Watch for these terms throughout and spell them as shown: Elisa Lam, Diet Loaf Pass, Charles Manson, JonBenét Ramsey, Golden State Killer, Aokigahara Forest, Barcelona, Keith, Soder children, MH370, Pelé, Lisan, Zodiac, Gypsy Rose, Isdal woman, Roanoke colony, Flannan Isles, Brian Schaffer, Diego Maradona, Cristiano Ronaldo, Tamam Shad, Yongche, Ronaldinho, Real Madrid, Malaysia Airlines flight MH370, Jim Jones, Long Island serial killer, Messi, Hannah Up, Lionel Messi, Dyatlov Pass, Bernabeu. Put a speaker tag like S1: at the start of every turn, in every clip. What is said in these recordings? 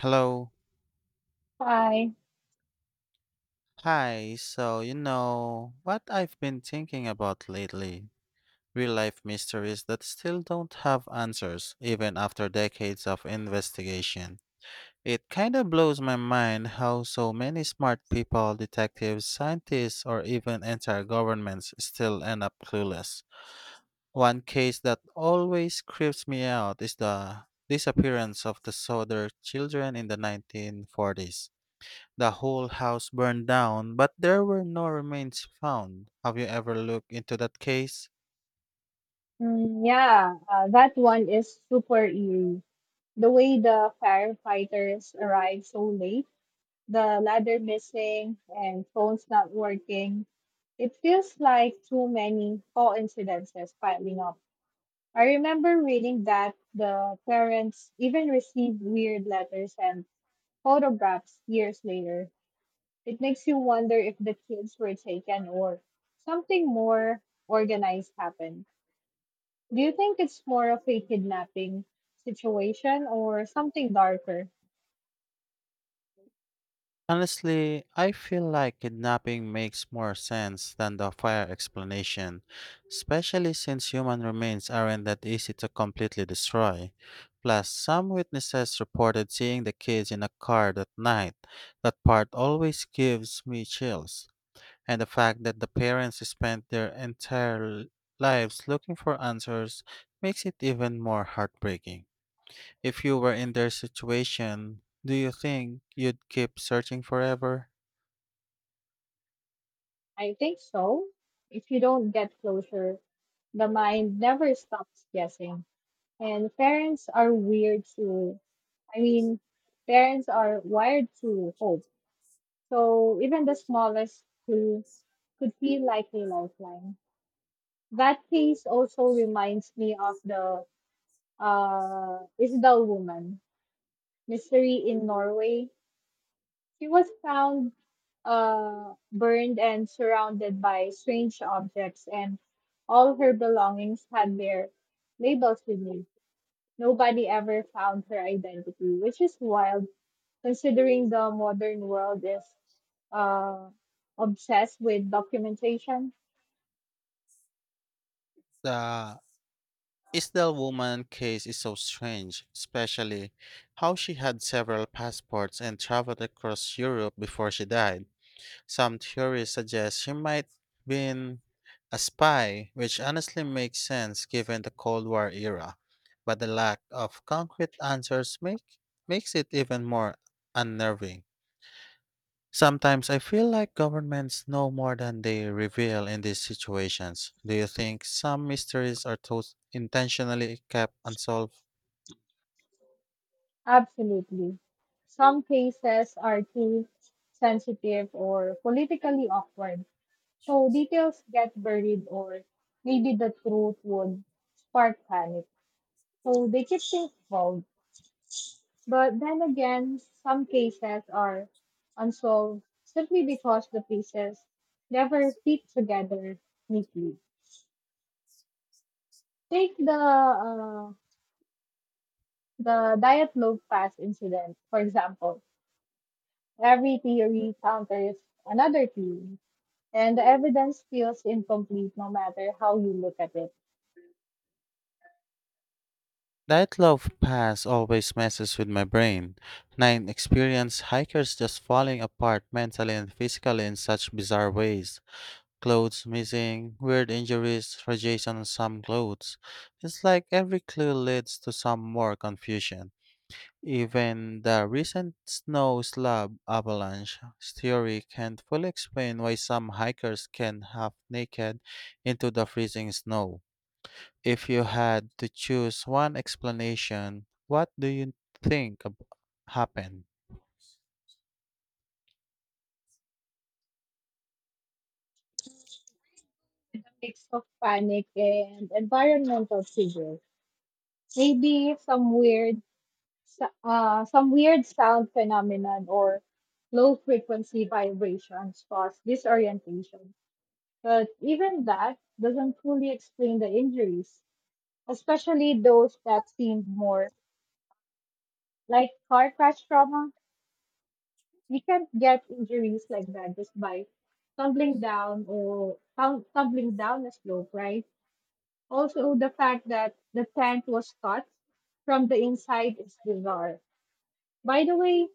S1: Hello.
S2: Hi.
S1: Hi. So, what I've been thinking about lately? Real life mysteries that still don't have answers, even after decades of investigation. It kind of blows my mind how so many smart people, detectives, scientists, or even entire governments still end up clueless. One case that always creeps me out is the disappearance of the Soder children in the 1940s. The whole house burned down, but there were no remains found. Have you ever looked into that case?
S2: Mm, yeah, that one is super eerie. The way the firefighters arrived so late, the ladder missing, and phones not working. It feels like too many coincidences piling up. I remember reading that the parents even received weird letters and photographs years later. It makes you wonder if the kids were taken or something more organized happened. Do you think it's more of a kidnapping situation or something darker?
S1: Honestly, I feel like kidnapping makes more sense than the fire explanation, especially since human remains aren't that easy to completely destroy. Plus, some witnesses reported seeing the kids in a car that night. That part always gives me chills. And the fact that the parents spent their entire lives looking for answers makes it even more heartbreaking. If you were in their situation, do you think you'd keep searching forever?
S2: I think so. If you don't get closure, the mind never stops guessing. And parents are weird to, I mean, parents are wired to hope. So even the smallest clue could feel like a lifeline. That case also reminds me of the Isdal woman mystery in Norway. She was found, burned and surrounded by strange objects, and all her belongings had their labels removed. Nobody ever found her identity, which is wild considering the modern world is, uh, obsessed with documentation.
S1: The Isdal woman case is so strange, especially how she had several passports and traveled across Europe before she died. Some theories suggest he might been a spy, which honestly makes sense given the Cold War era. But the lack of concrete answers makes it even more unnerving. Sometimes I feel like governments know more than they reveal in these situations. Do you think some mysteries are intentionally kept unsolved?
S2: Absolutely. Some cases are too sensitive or politically awkward, so details get buried, or maybe the truth would spark panic, so they keep things vague. But then again, some cases are unsolved simply because the pieces never fit together neatly. Take the Diet Loaf Pass incident, for example. Every theory counters another theory, and the evidence feels incomplete no matter how you look at it.
S1: That love pass always messes with my brain. Nine experienced hikers just falling apart mentally and physically in such bizarre ways. Clothes missing, weird injuries, radiation on some clothes. It's like every clue leads to some more confusion. Even the recent snow slab avalanche theory can't fully explain why some hikers can half naked into the freezing snow. If you had to choose one explanation, what do you think happened?
S2: A mix of panic and environmental triggers. Maybe some weird sound phenomenon or low frequency vibrations cause disorientation. But even that doesn't fully explain the injuries, especially those that seemed more like car crash trauma. You can't get injuries like that just by tumbling down a slope, right? Also, the fact that the tent was cut from the inside is bizarre. By the way,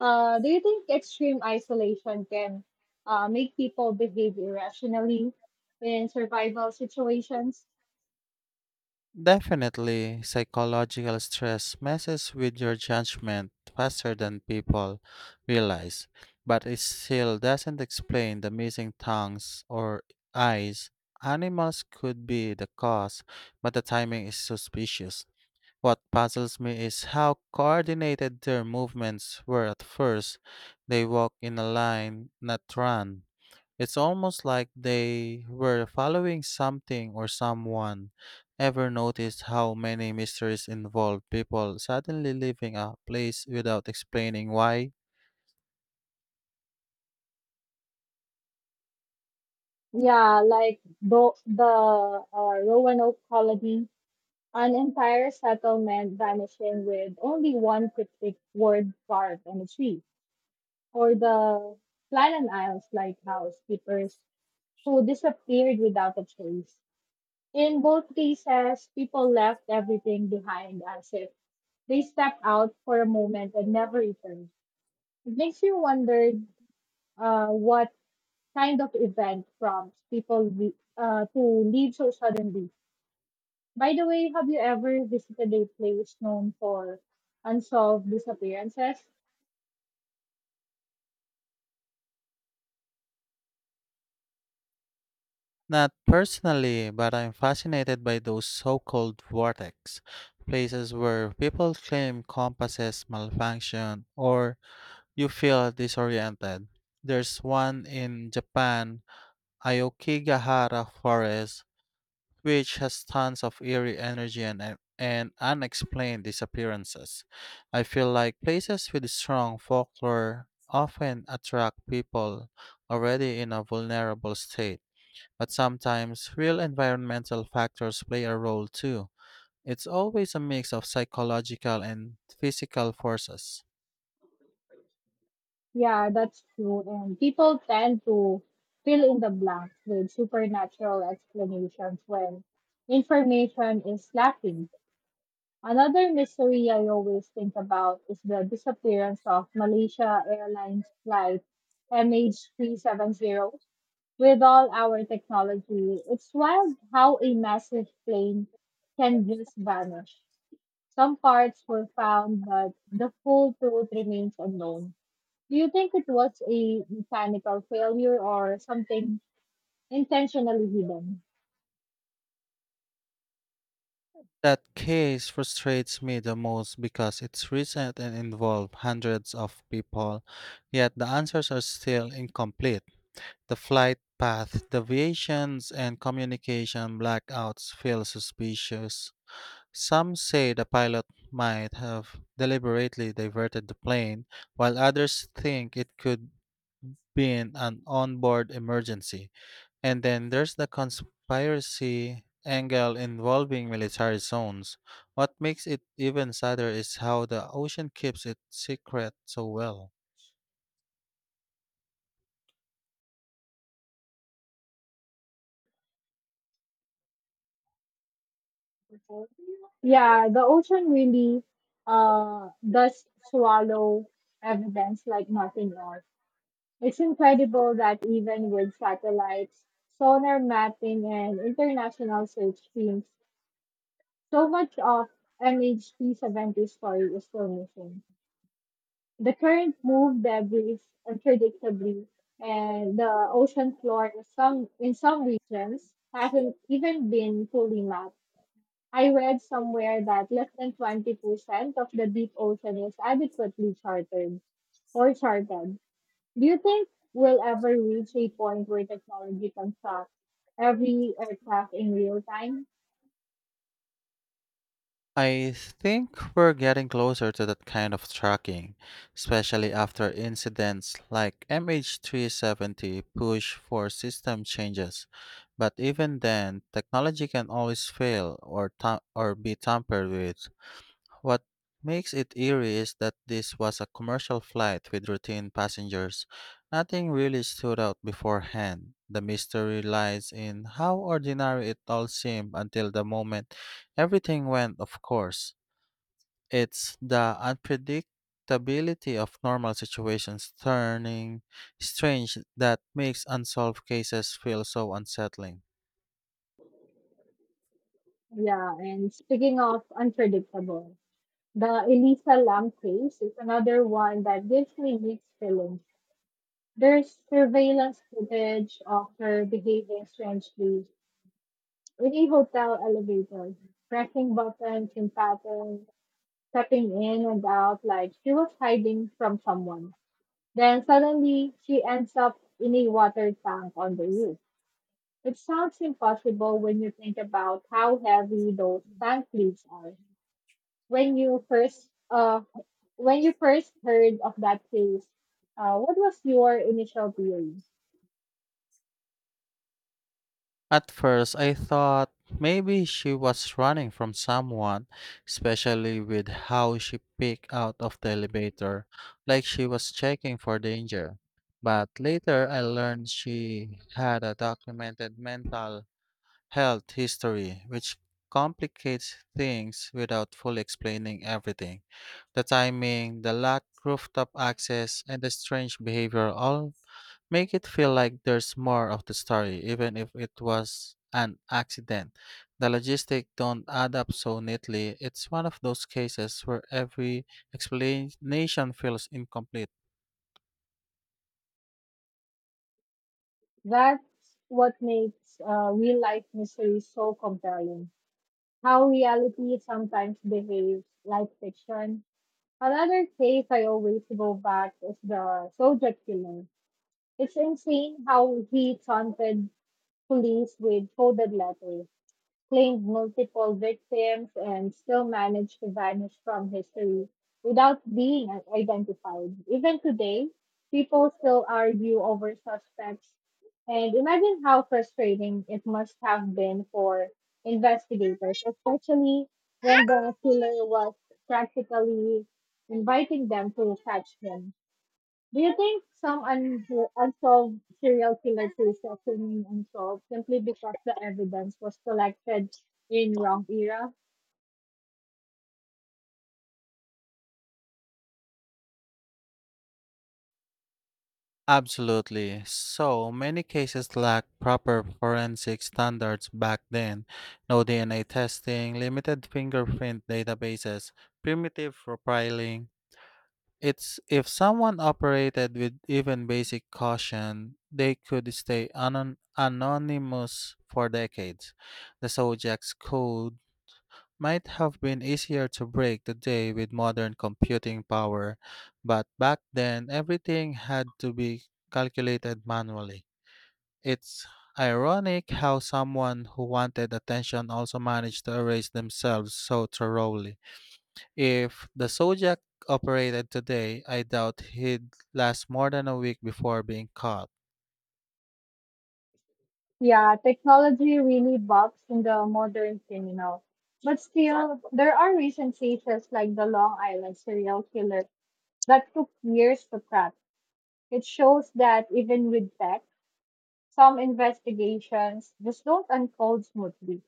S2: do you think extreme isolation can, make people behave irrationally in survival situations?
S1: Definitely, psychological stress messes with your judgment faster than people realize, but it still doesn't explain the missing tongues or eyes. Animals could be the cause, but the timing is suspicious. What puzzles me is how coordinated their movements were at first. They walk in a line, not run. It's almost like they were following something or someone. Ever noticed how many mysteries involve people suddenly leaving a place without explaining why?
S2: Yeah, like the Roanoke colony, an entire settlement vanishing with only one cryptic word carved on a tree, or the Flannan Isles lighthouse keepers who disappeared without a trace. In both cases, people left everything behind as if they stepped out for a moment and never returned. It makes you wonder, what kind of event prompts people to leave so suddenly. By the way, have you ever visited a place known for unsolved disappearances?
S1: Not personally, but I'm fascinated by those so called vortex places where people claim compasses malfunction or you feel disoriented. There's one in Japan, Aokigahara Forest, which has tons of eerie energy and unexplained disappearances. I feel like places with strong folklore often attract people already in a vulnerable state, but sometimes real environmental factors play a role too. It's always a mix of psychological and physical forces.
S2: Yeah, that's true. And people tend to fill in the blanks with supernatural explanations when information is lacking. Another mystery I always think about is the disappearance of Malaysia Airlines flight MH370. With all our technology, it's wild how a massive plane can just vanish. Some parts were found, but the full truth remains unknown. Do you think it was a mechanical failure or something intentionally hidden?
S1: That case frustrates me the most because it's recent and involved hundreds of people, yet the answers are still incomplete. The flight path deviations and communication blackouts feel suspicious. Some say the pilot might have deliberately diverted the plane, while others think it could be an onboard emergency. And then there's the conspiracy angle involving military zones. What makes it even sadder is how the ocean keeps its secret so well.
S2: Yeah, the ocean really, does swallow evidence like nothing else. It's incredible that even with satellites, sonar mapping, and international search teams, so much of MHT 70 story is still missing. The current moved debris unpredictably, and the ocean floor in some regions hasn't even been fully mapped. I read somewhere that less than 20% of the deep ocean is adequately charted. Do you think we'll ever reach a point where technology can track every aircraft in real time?
S1: I think we're getting closer to that kind of tracking, especially after incidents like MH370 push for system changes. But even then, technology can always fail or be tampered with. What makes it eerie is that this was a commercial flight with routine passengers. Nothing really stood out beforehand. The mystery lies in how ordinary it all seemed until the moment everything went of course. It's the unpredictability of normal situations turning strange that makes unsolved cases feel so unsettling.
S2: Yeah, and speaking of unpredictable, the Elisa Lam case is another one that gives me mixed feelings. There's surveillance footage of her behaving strangely in a hotel elevator, pressing buttons in patterns, stepping in and out like she was hiding from someone. Then suddenly she ends up in a water tank on the roof. It sounds impossible when you think about how heavy those tank lids are. When you first uh when you first heard of that case, what was your initial theory?
S1: At first, I thought maybe she was running from someone, especially with how she peeked out of the elevator, like she was checking for danger. But later, I learned she had a documented mental health history, which complicates things without fully explaining everything. The timing, the lack rooftop access, and the strange behavior all make it feel like there's more of the story, even if it was an accident. The logistics don't add up so neatly. It's one of those cases where every explanation feels incomplete.
S2: That's what makes, real life mystery so compelling. How reality sometimes behaves like fiction. Another case I always go back is the soldier killer. It's insane how he taunted police with coded letters, claimed multiple victims, and still managed to vanish from history without being identified. Even today, people still argue over suspects. And imagine how frustrating it must have been for investigators, especially when the killer was practically inviting them to catch him. Do you think unsolved serial killer cases remain unsolved simply because the evidence was collected in wrong era?
S1: Absolutely. So many cases lack proper forensic standards back then. No DNA testing, limited fingerprint databases, primitive profiling. It's if someone operated with even basic caution, they could stay anonymous for decades. The Sojak's code might have been easier to break the day with modern computing power, but back then everything had to be calculated manually. It's ironic how someone who wanted attention also managed to erase themselves so thoroughly. If the Zodiac operated today, I doubt he'd last more than a week before being caught.
S2: Yeah, technology really bugs in the modern criminal. But still, there are recent cases like the Long Island serial killer that took years to crack. It shows that even with tech, some investigations just don't unfold smoothly.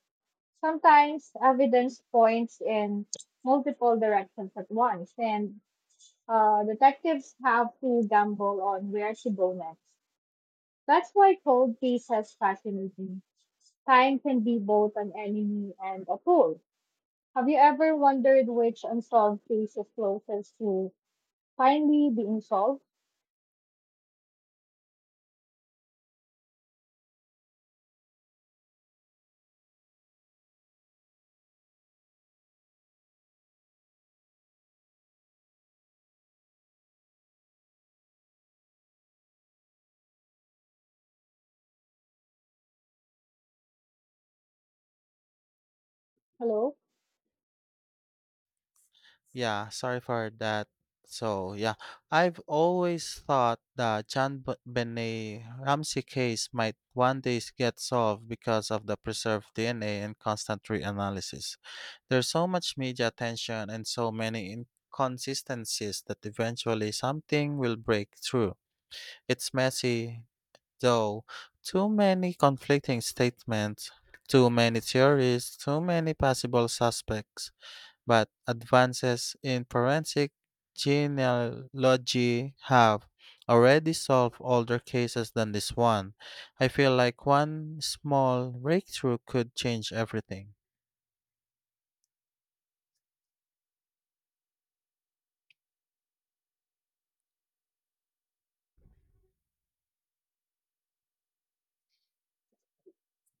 S2: Sometimes evidence points in multiple directions at once, and, detectives have to gamble on where to go next. That's why cold cases fascinate me. Time can be both an enemy and a tool. Have you ever wondered which unsolved case is closest to finally being solved? Hello?
S1: Yeah, sorry for that. So, yeah, I've always thought the Benet Ramsey case might one day get solved because of the preserved DNA and constant reanalysis. There's so much media attention and so many inconsistencies that eventually something will break through. It's messy, though. Too many conflicting statements, too many theories, too many possible suspects but advances in forensic genealogy have already solved older cases than this one. I feel like one small breakthrough could change everything.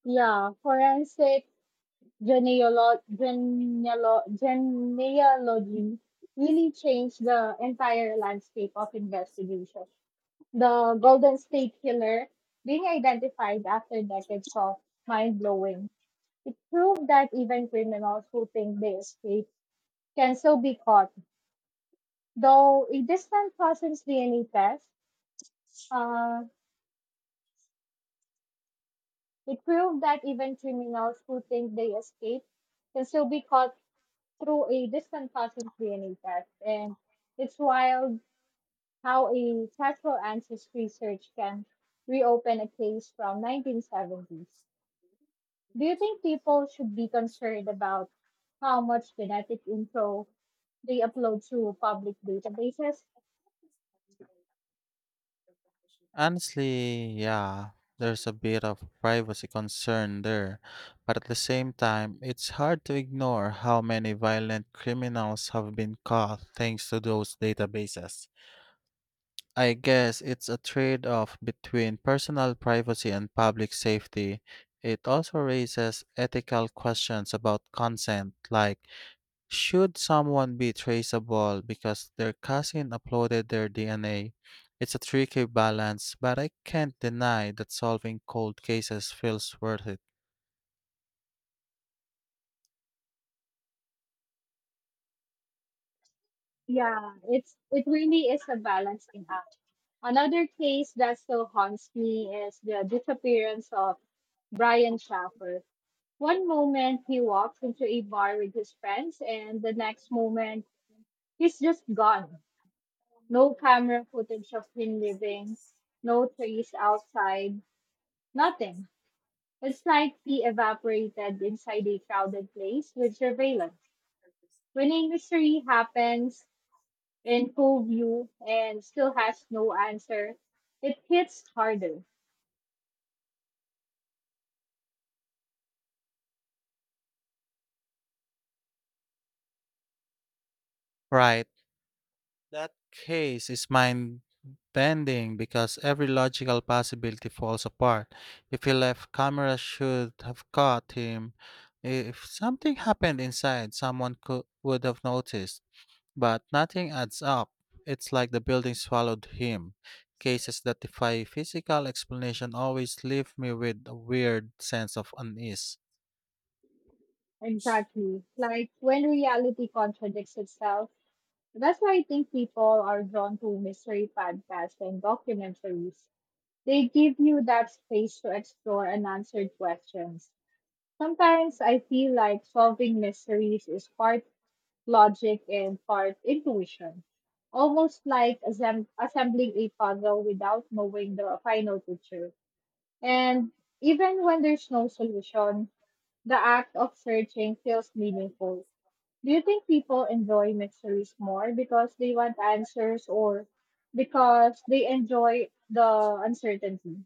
S2: Yeah, forensic genealogy really changed the entire landscape of investigation. The Golden State Killer being identified after decades of mind blowing. It proved that even criminals who think they escaped can still be caught. Though a distant cousin's DNA test, uh, it proved that even criminals who think they escaped can still be caught through a distant cousin's DNA test. And it's wild how a casual ancestry search can reopen a case from 1970s. Do you think people should be concerned about how much genetic info they upload to public databases?
S1: Honestly, yeah, there's a bit of privacy concern there, but at the same time, it's hard to ignore how many violent criminals have been caught thanks to those databases. I guess it's a trade off between personal privacy and public safety. It also raises ethical questions about consent, like should someone be traceable because their cousin uploaded their DNA? It's a tricky balance, but I can't deny that solving cold cases feels worth it.
S2: Yeah, it really is a balancing act. Another case that still haunts me is the disappearance of Brian Schaffer. One moment he walks into a bar with his friends, and the next moment he's just gone. No camera footage of him leaving, no trace outside, nothing. It's like he evaporated inside a crowded place with surveillance. When a mystery happens in full view and still has no answer, it hits harder.
S1: Right. That case is mind bending because every logical possibility falls apart. If he left, camera should have caught him. If something happened inside, would have noticed. But nothing adds up. It's like the building swallowed him. Cases that defy physical explanation always leave me with a weird sense of unease.
S2: Exactly. Like when reality contradicts itself. That's why I think people are drawn to mystery podcasts and documentaries. They give you that space to explore unanswered questions. Sometimes I feel like solving mysteries is part logic and part intuition, almost like assembling a puzzle without knowing the final picture. And even when there's no solution, the act of searching feels meaningful. Do you think people enjoy mysteries more because they want answers or because they enjoy the uncertainty?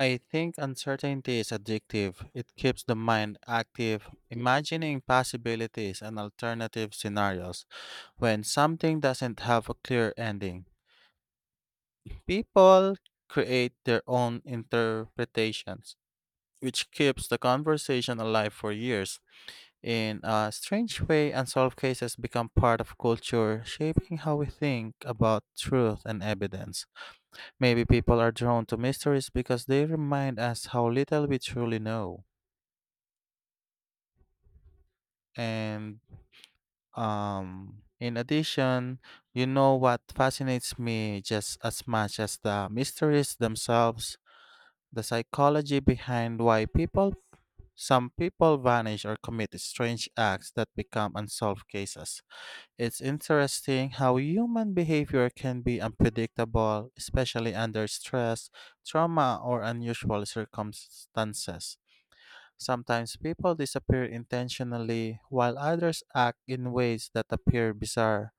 S1: I think uncertainty is addictive. It keeps the mind active, imagining possibilities and alternative scenarios. When something doesn't have a clear ending, people create their own interpretations, which keeps the conversation alive for years. In a strange way, unsolved cases become part of culture, shaping how we think about truth and evidence. Maybe people are drawn to mysteries because they remind us how little we truly know. And In addition, you know what fascinates me just as much as the mysteries themselves, the psychology behind why some people vanish or commit strange acts that become unsolved cases. It's interesting how human behavior can be unpredictable, especially under stress, trauma, or unusual circumstances. Sometimes people disappear intentionally, while others act in ways that appear bizarre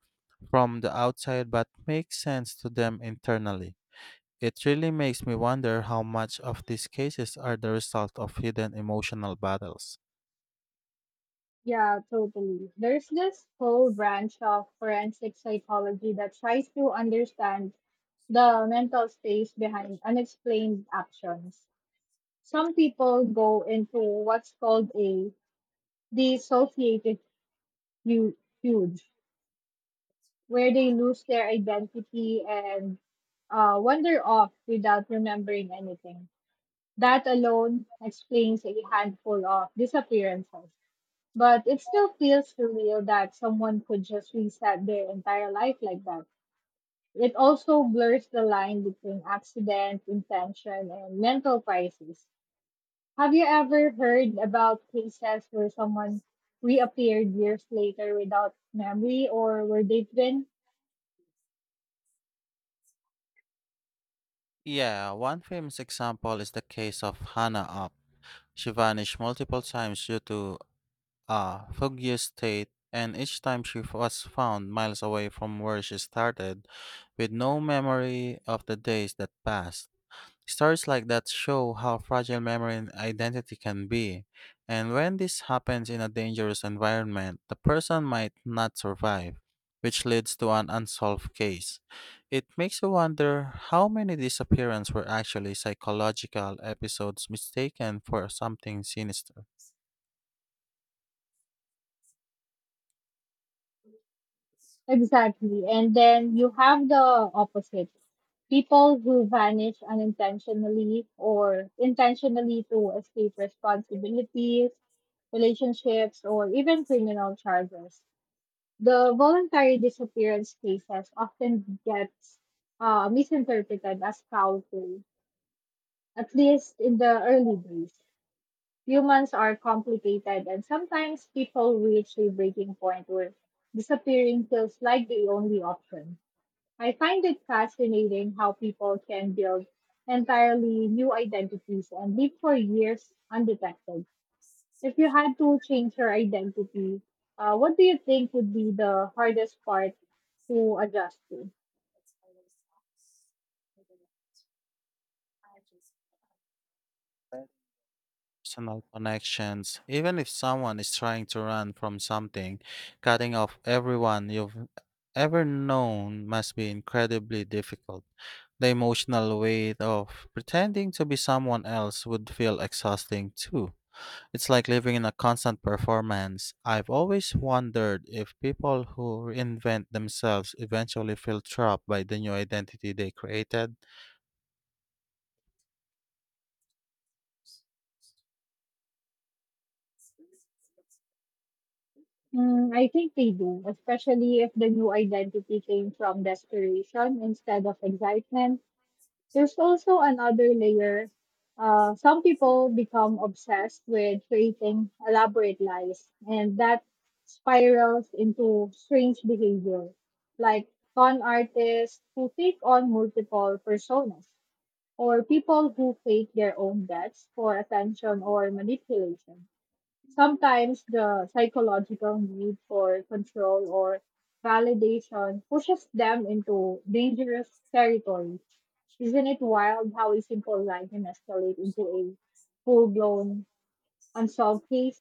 S1: from the outside but make sense to them internally. It really makes me wonder how much of these cases are the result of hidden emotional battles.
S2: Yeah, totally. There's this whole branch of forensic psychology that tries to understand the mental space behind unexplained actions. Some people go into what's called a dissociative hu- huge, where they lose their identity and, wander off without remembering anything. That alone explains a handful of disappearances. But it still feels surreal that someone could just reset their entire life like that. It also blurs the line between accident, intention, and mental crisis. Have you ever heard about cases where someone reappeared years later without memory, or were they twins?
S1: Yeah, one famous example is the case of Hannah Up. She vanished multiple times due to a fugue state, and each time she was found miles away from where she started, with no memory of the days that passed. Stories like that show how fragile memory and identity can be. And when this happens in a dangerous environment, the person might not survive, which leads to an unsolved case. It makes you wonder how many disappearances were actually psychological episodes mistaken for something sinister.
S2: Exactly. And then you have the opposite people who vanish unintentionally or intentionally to escape responsibilities, relationships, or even criminal charges. The voluntary disappearance cases often gets, misinterpreted as foul play, at least in the early days. Humans are complicated, and sometimes people reach a breaking point where disappearing feels like the only option. I find it fascinating how people can build entirely new identities and live for years undetected. If you had to change your identity, what do you think would be the hardest part to adjust to?
S1: Personal connections. Even if someone is trying to run from something, cutting off everyone you've ever known must be incredibly difficult. The emotional weight of pretending to be someone else would feel exhausting too. It's like living in a constant performance. I've always wondered if people who reinvent themselves eventually feel trapped by the new identity they created.
S2: Mm, I think they do, especially if the new identity came from desperation instead of excitement. There's also another layer. Some people become obsessed with creating elaborate lies, and that spirals into strange behavior, like con artists who take on multiple personas, or people who fake their own deaths for attention or manipulation. Sometimes the psychological need for control or validation pushes them into dangerous territory. Isn't it wild how a simple line can escalate into a full blown unsolved case?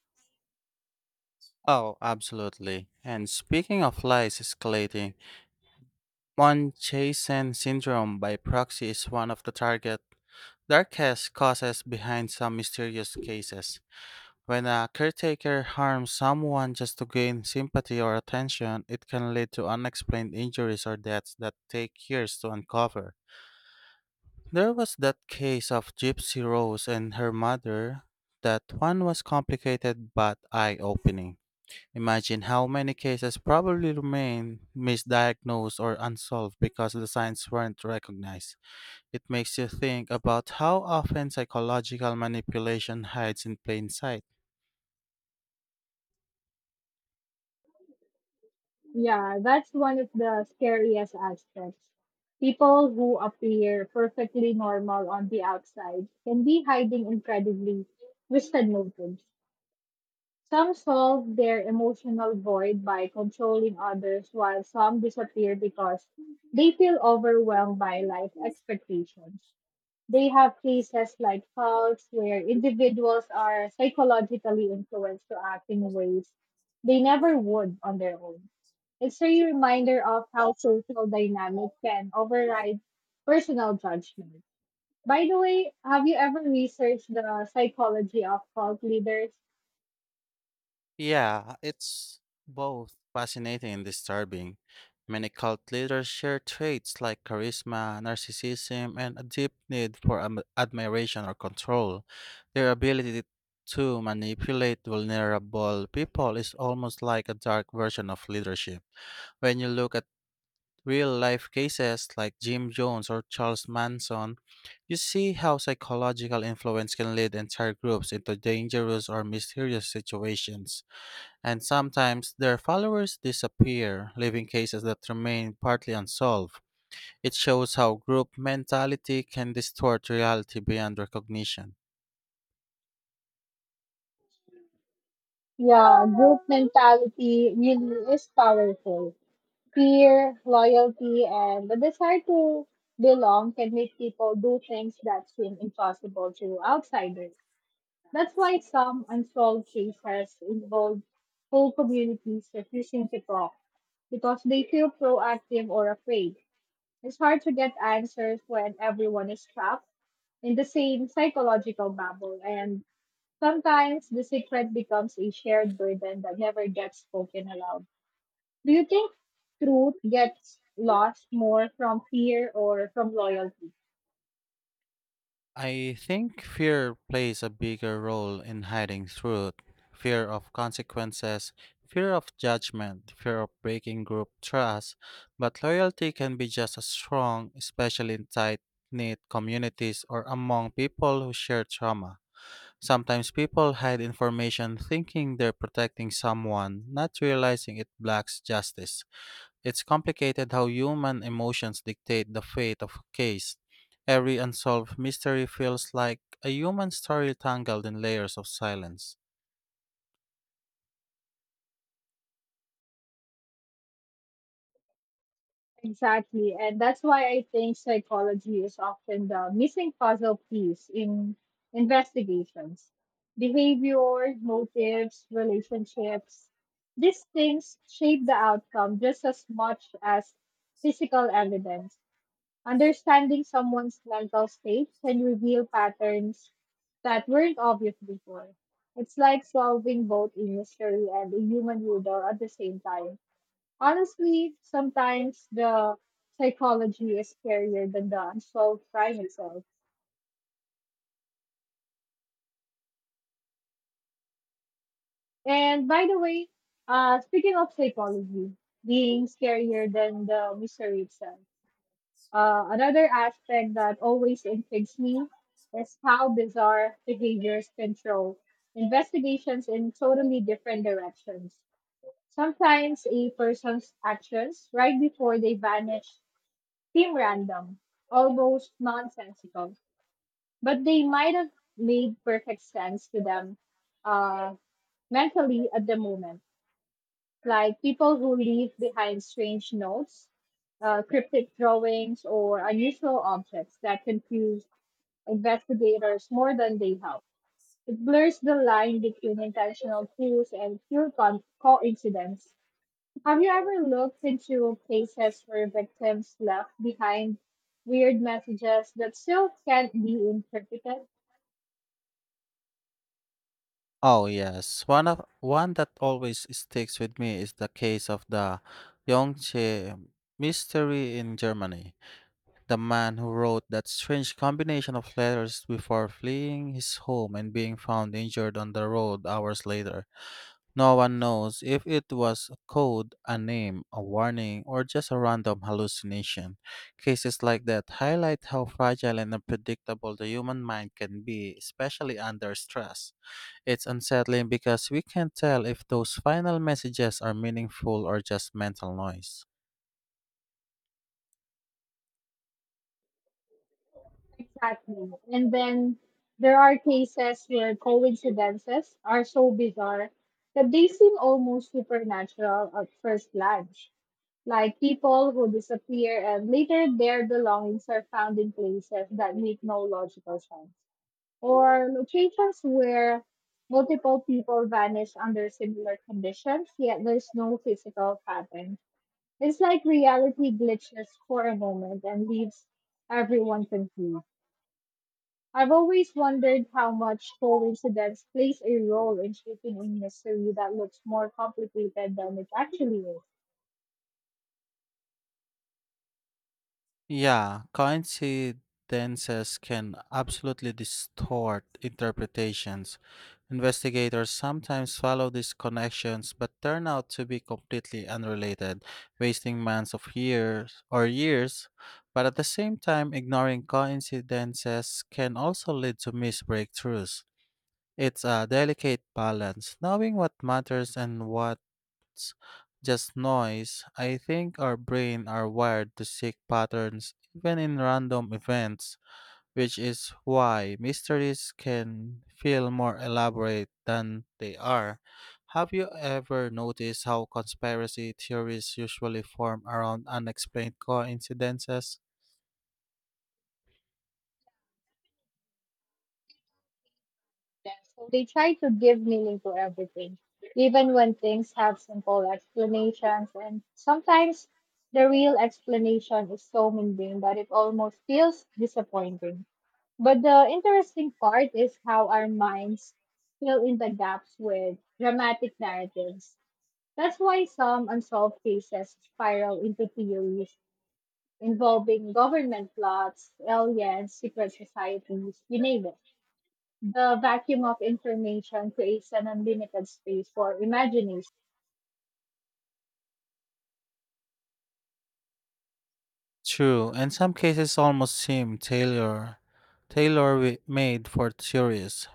S1: Oh, absolutely. And speaking of lies escalating, Munchausen syndrome by proxy is one of the target darkest causes behind some mysterious cases. When a caretaker harms someone just to gain sympathy or attention, it can lead to unexplained injuries or deaths that take years to uncover. There was that case of Gypsy Rose and her mother. That one was complicated but eye opening. Imagine how many cases probably remain misdiagnosed or unsolved because the signs weren't recognized. It makes you think about how often psychological manipulation hides in plain sight.
S2: Yeah, that's one of the scariest aspects. People who appear perfectly normal on the outside can be hiding incredibly twisted motives. Some solve their emotional void by controlling others, while some disappear because they feel overwhelmed by life expectations. They have cases like cults where individuals are psychologically influenced to act in ways they never would on their own. It's a reminder of how social dynamic can override personal judgment. By the way, have you ever researched the psychology of cult leaders?
S1: Yeah, it's both fascinating and disturbing. Many cult leaders share traits like charisma, narcissism, and a deep need for admiration or control. Their ability to manipulate vulnerable people is almost like a dark version of leadership. When you look at real life cases like Jim Jones or Charles Manson, you see how psychological influence can lead entire groups into dangerous or mysterious situations. And sometimes their followers disappear, leaving cases that remain partly unsolved. It shows how group mentality can distort reality beyond recognition.
S2: Yeah, group mentality really is powerful. Fear, loyalty, and the desire to belong can make people do things that seem impossible to outsiders. That's why some unsolved cases involve whole communities refusing to talk because they feel proactive or afraid. It's hard to get answers when everyone is trapped in the same psychological bubble, and sometimes the secret becomes a shared burden that never gets spoken aloud. Do you think truth gets lost more from fear or from loyalty?
S1: I think fear plays a bigger role in hiding truth fear of consequences, fear of judgment, fear of breaking group trust. But loyalty can be just as strong, especially in tight knit communities or among people who share trauma. Sometimes people hide information thinking they're protecting someone, not realizing it blocks justice. It's complicated how human emotions dictate the fate of a case. Every unsolved mystery feels like a human story tangled in layers of silence.
S2: Exactly. And that's why I think psychology is often the missing puzzle piece in investigations. Behavior, motives, relationships, these things shape the outcome just as much as physical evidence. Understanding someone's mental state can reveal patterns that weren't obvious before. It's like solving both a mystery and a human riddle at the same time. Honestly, sometimes the psychology is scarier than the unsolved crime itself. And by the way, speaking of psychology being scarier than the mystery itself, another aspect that always intrigues me is how bizarre behaviors control investigations in totally different directions. Sometimes a person's actions right before they vanish seem random, almost nonsensical, but they might have made perfect sense to them uh, mentally at the moment, like people who leave behind strange notes, cryptic drawings, or unusual objects that confuse investigators more than they help. It blurs the line between intentional clues and pure coincidence. Have you ever looked into cases where victims left behind weird messages that still can't be interpreted?
S1: Oh yes, one that always sticks with me is the case of the Yongche mystery in Germany. The man who wrote that strange combination of letters before fleeing his home and being found injured on the road hours later. No one knows if it was a code, a name, a warning, or just a random hallucination. Cases like that highlight how fragile and unpredictable the human mind can be, especially under stress. It's unsettling because we can't tell if those final messages are meaningful or just mental noise.
S2: Exactly. And then there are cases where coincidences are so bizarre that they seem almost supernatural at first glance. Like people who disappear and later their belongings are found in places that make no logical sense, or locations where multiple people vanish under similar conditions, yet there's no physical pattern. It's like reality glitches for a moment and leaves everyone confused. I've always wondered how much coincidence plays a role in shaping a mystery that looks more complicated than it actually is.
S1: Yeah, coincidences can absolutely distort interpretations. Investigators sometimes follow these connections but turn out to be completely unrelated, wasting months of years or years. But at the same time, ignoring coincidences can also lead to missed breakthroughs. It's a delicate balance, knowing what matters and what it's just noise. I think our brain are wired to seek patterns even in random events, which is why mysteries can feel more elaborate than they are. Have you ever noticed how conspiracy theories usually form around unexplained coincidences?
S2: So they try to give meaning to everything, even when things have simple explanations, and sometimes the real explanation is so mundane that it almost feels disappointing. But the interesting part is how our minds fill in the gaps with dramatic narratives. That's why some unsolved cases spiral into theories involving government plots, aliens, secret societies, you name it. The vacuum of information creates an unlimited space for imagination.
S1: True, in some cases almost seem made for theories.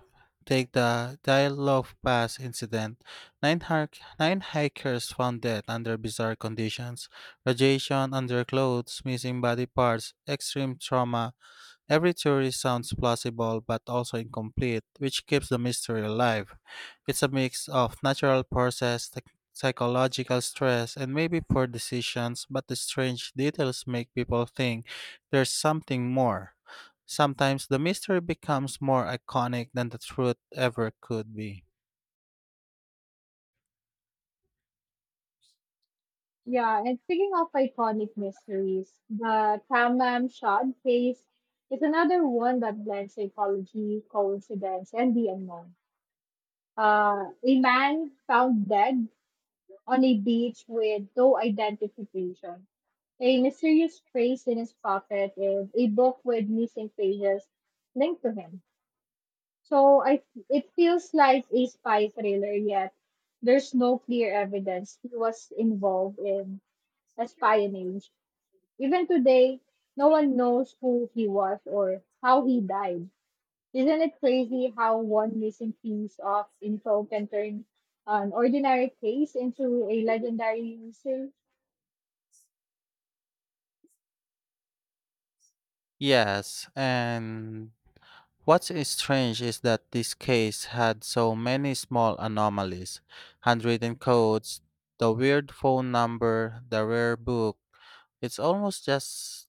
S1: Take the Dialog Pass incident. Nine hikers found dead under bizarre conditions: radiation, underclothes, missing body parts, extreme trauma. Every theory sounds plausible but also incomplete, which keeps the mystery alive. It's a mix of natural process, psychological stress, and maybe poor decisions, but the strange details make people think there's something more. Sometimes the mystery becomes more iconic than the truth ever could be.
S2: Yeah, and speaking of iconic mysteries, the Tamam Shad case is another one that blends psychology, coincidence, and the unknown. A man found dead on a beach with no identification. A mysterious phrase in his pocket and a book with missing pages linked to him. So I It feels like a spy thriller, yet there's no clear evidence he was involved in espionage. Even today, no one knows who he was or how he died. Isn't it crazy how one missing piece of info can turn an ordinary case into a legendary mystery?
S1: Yes. And what's strange is that this case had so many small anomalies: handwritten codes, the weird phone number, the rare book. It's almost just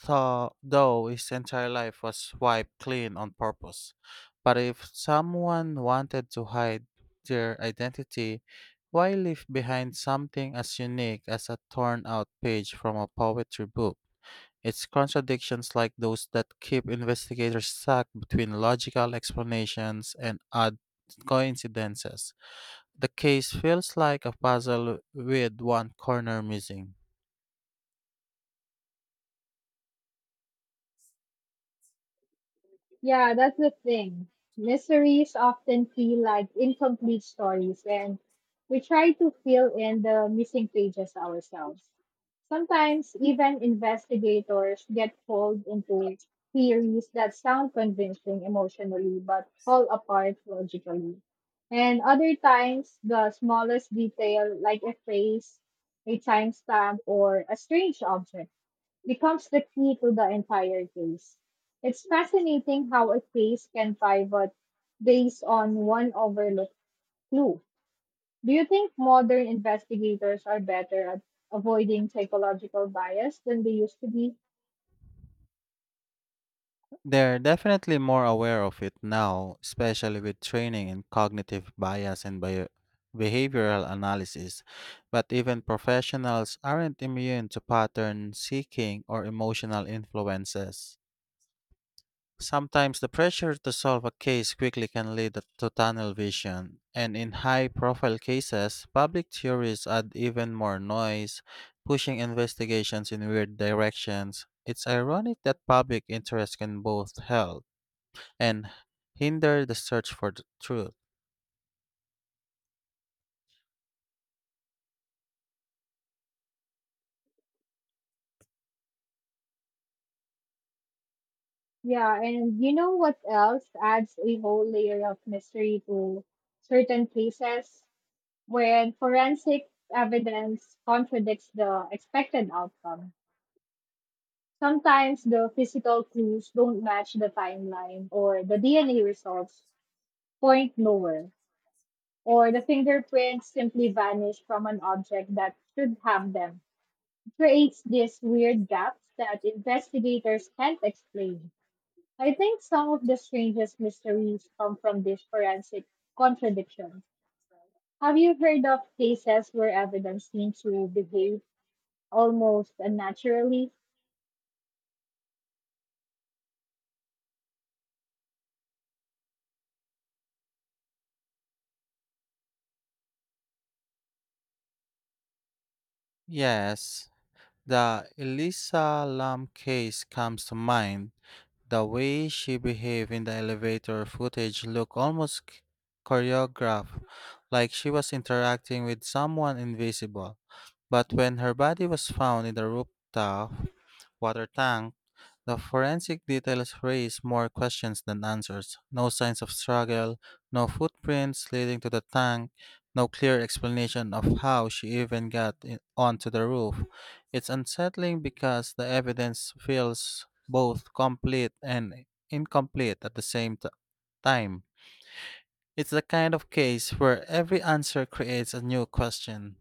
S1: thought, though his entire life was wiped clean on purpose. But if someone wanted to hide their identity, why leave behind something as unique as a torn out page from a poetry book? It's contradictions like those that keep investigators stuck between logical explanations and odd coincidences. The case feels like a puzzle with one corner missing.
S2: Yeah, that's the thing. Mysteries often feel like incomplete stories, and we try to fill in the missing pages ourselves. Sometimes, even investigators get pulled into theories that sound convincing emotionally but fall apart logically. And other times, the smallest detail, like a phrase, a timestamp, or a strange object, becomes the key to the entire case. It's fascinating how a case can pivot based on one overlooked clue. Do you think modern investigators are better at avoiding psychological bias than they used to be?
S1: They're definitely more aware of it now, especially with training in cognitive bias and behavioral analysis. But even professionals aren't immune to pattern seeking or emotional influences. Sometimes the pressure to solve a case quickly can lead to tunnel vision, and in high profile cases, public theories add even more noise, pushing investigations in weird directions. It's ironic that public interest can both help and hinder the search for the truth.
S2: Yeah, and you know what else adds a whole layer of mystery to certain cases? When forensic evidence contradicts the expected outcome. Sometimes the physical clues don't match the timeline, or the DNA results point lower, or the fingerprints simply vanish from an object that should have them. It creates these weird gaps that investigators can't explain. I think some of the strangest mysteries come from these forensic contradictions. Have you heard of cases where evidence seems to behave almost unnaturally?
S1: Yes, the Elisa Lam case comes to mind. The way she behaved in the elevator footage looked almost choreographed, like she was interacting with someone invisible. But when her body was found in the rooftop water tank, the forensic details raise more questions than answers. No signs of struggle, no footprints leading to the tank, no clear explanation of how she even onto the roof. It's unsettling because the evidence feels both complete and incomplete at the same time. It's the kind of case where every answer creates a new question.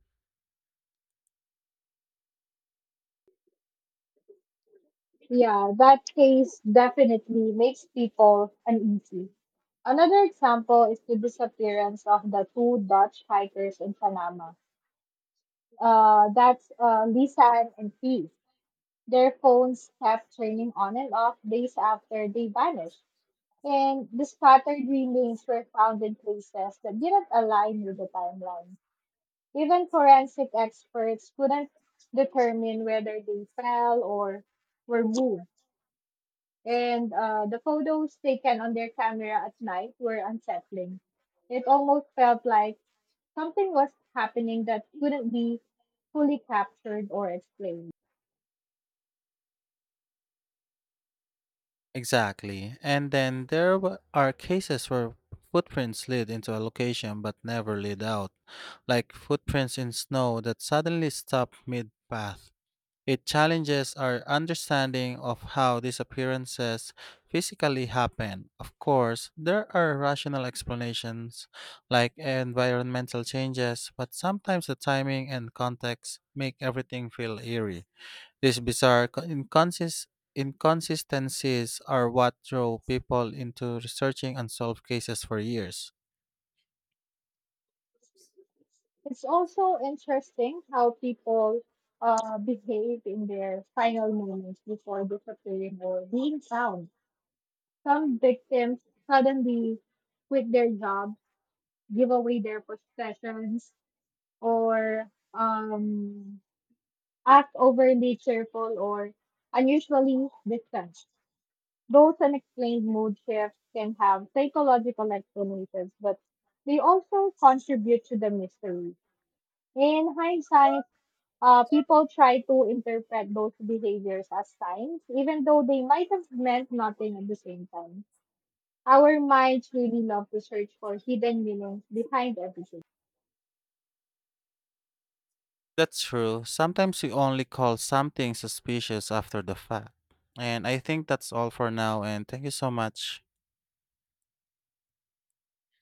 S2: Yeah, that case definitely makes people uneasy. Another example is the disappearance of the two Dutch hikers in Panama. That's Lisan and Keith. Their phones kept turning on and off days after they vanished, and the scattered remains were found in places that didn't align with the timeline. Even forensic experts couldn't determine whether they fell or were moved. And the photos taken on their camera at night were unsettling. It almost felt like something was happening that couldn't be fully captured or explained.
S1: Exactly. And then there are cases where footprints lead into a location but never lead out, like footprints in snow that suddenly stop mid path. It challenges our understanding of how these appearances physically happen. Of course, there are rational explanations like environmental changes, but sometimes the timing and context make everything feel eerie. These bizarre inconsistencies are what drove people into researching unsolved cases for years.
S2: It's also interesting how people behave in their final moments before disappearing or being found. Some victims suddenly quit their jobs, give away their possessions, or um, act overly cheerful or unusually distant. Those unexplained mood shifts can have psychological explanations, but they also contribute to the mystery. In hindsight, people try to interpret those behaviors as signs, even though they might have meant nothing at the same time. Our minds really love to search for hidden meanings behind everything.
S1: That's true. Sometimes we only call something suspicious after the fact. And I think that's all for now, and thank you so much.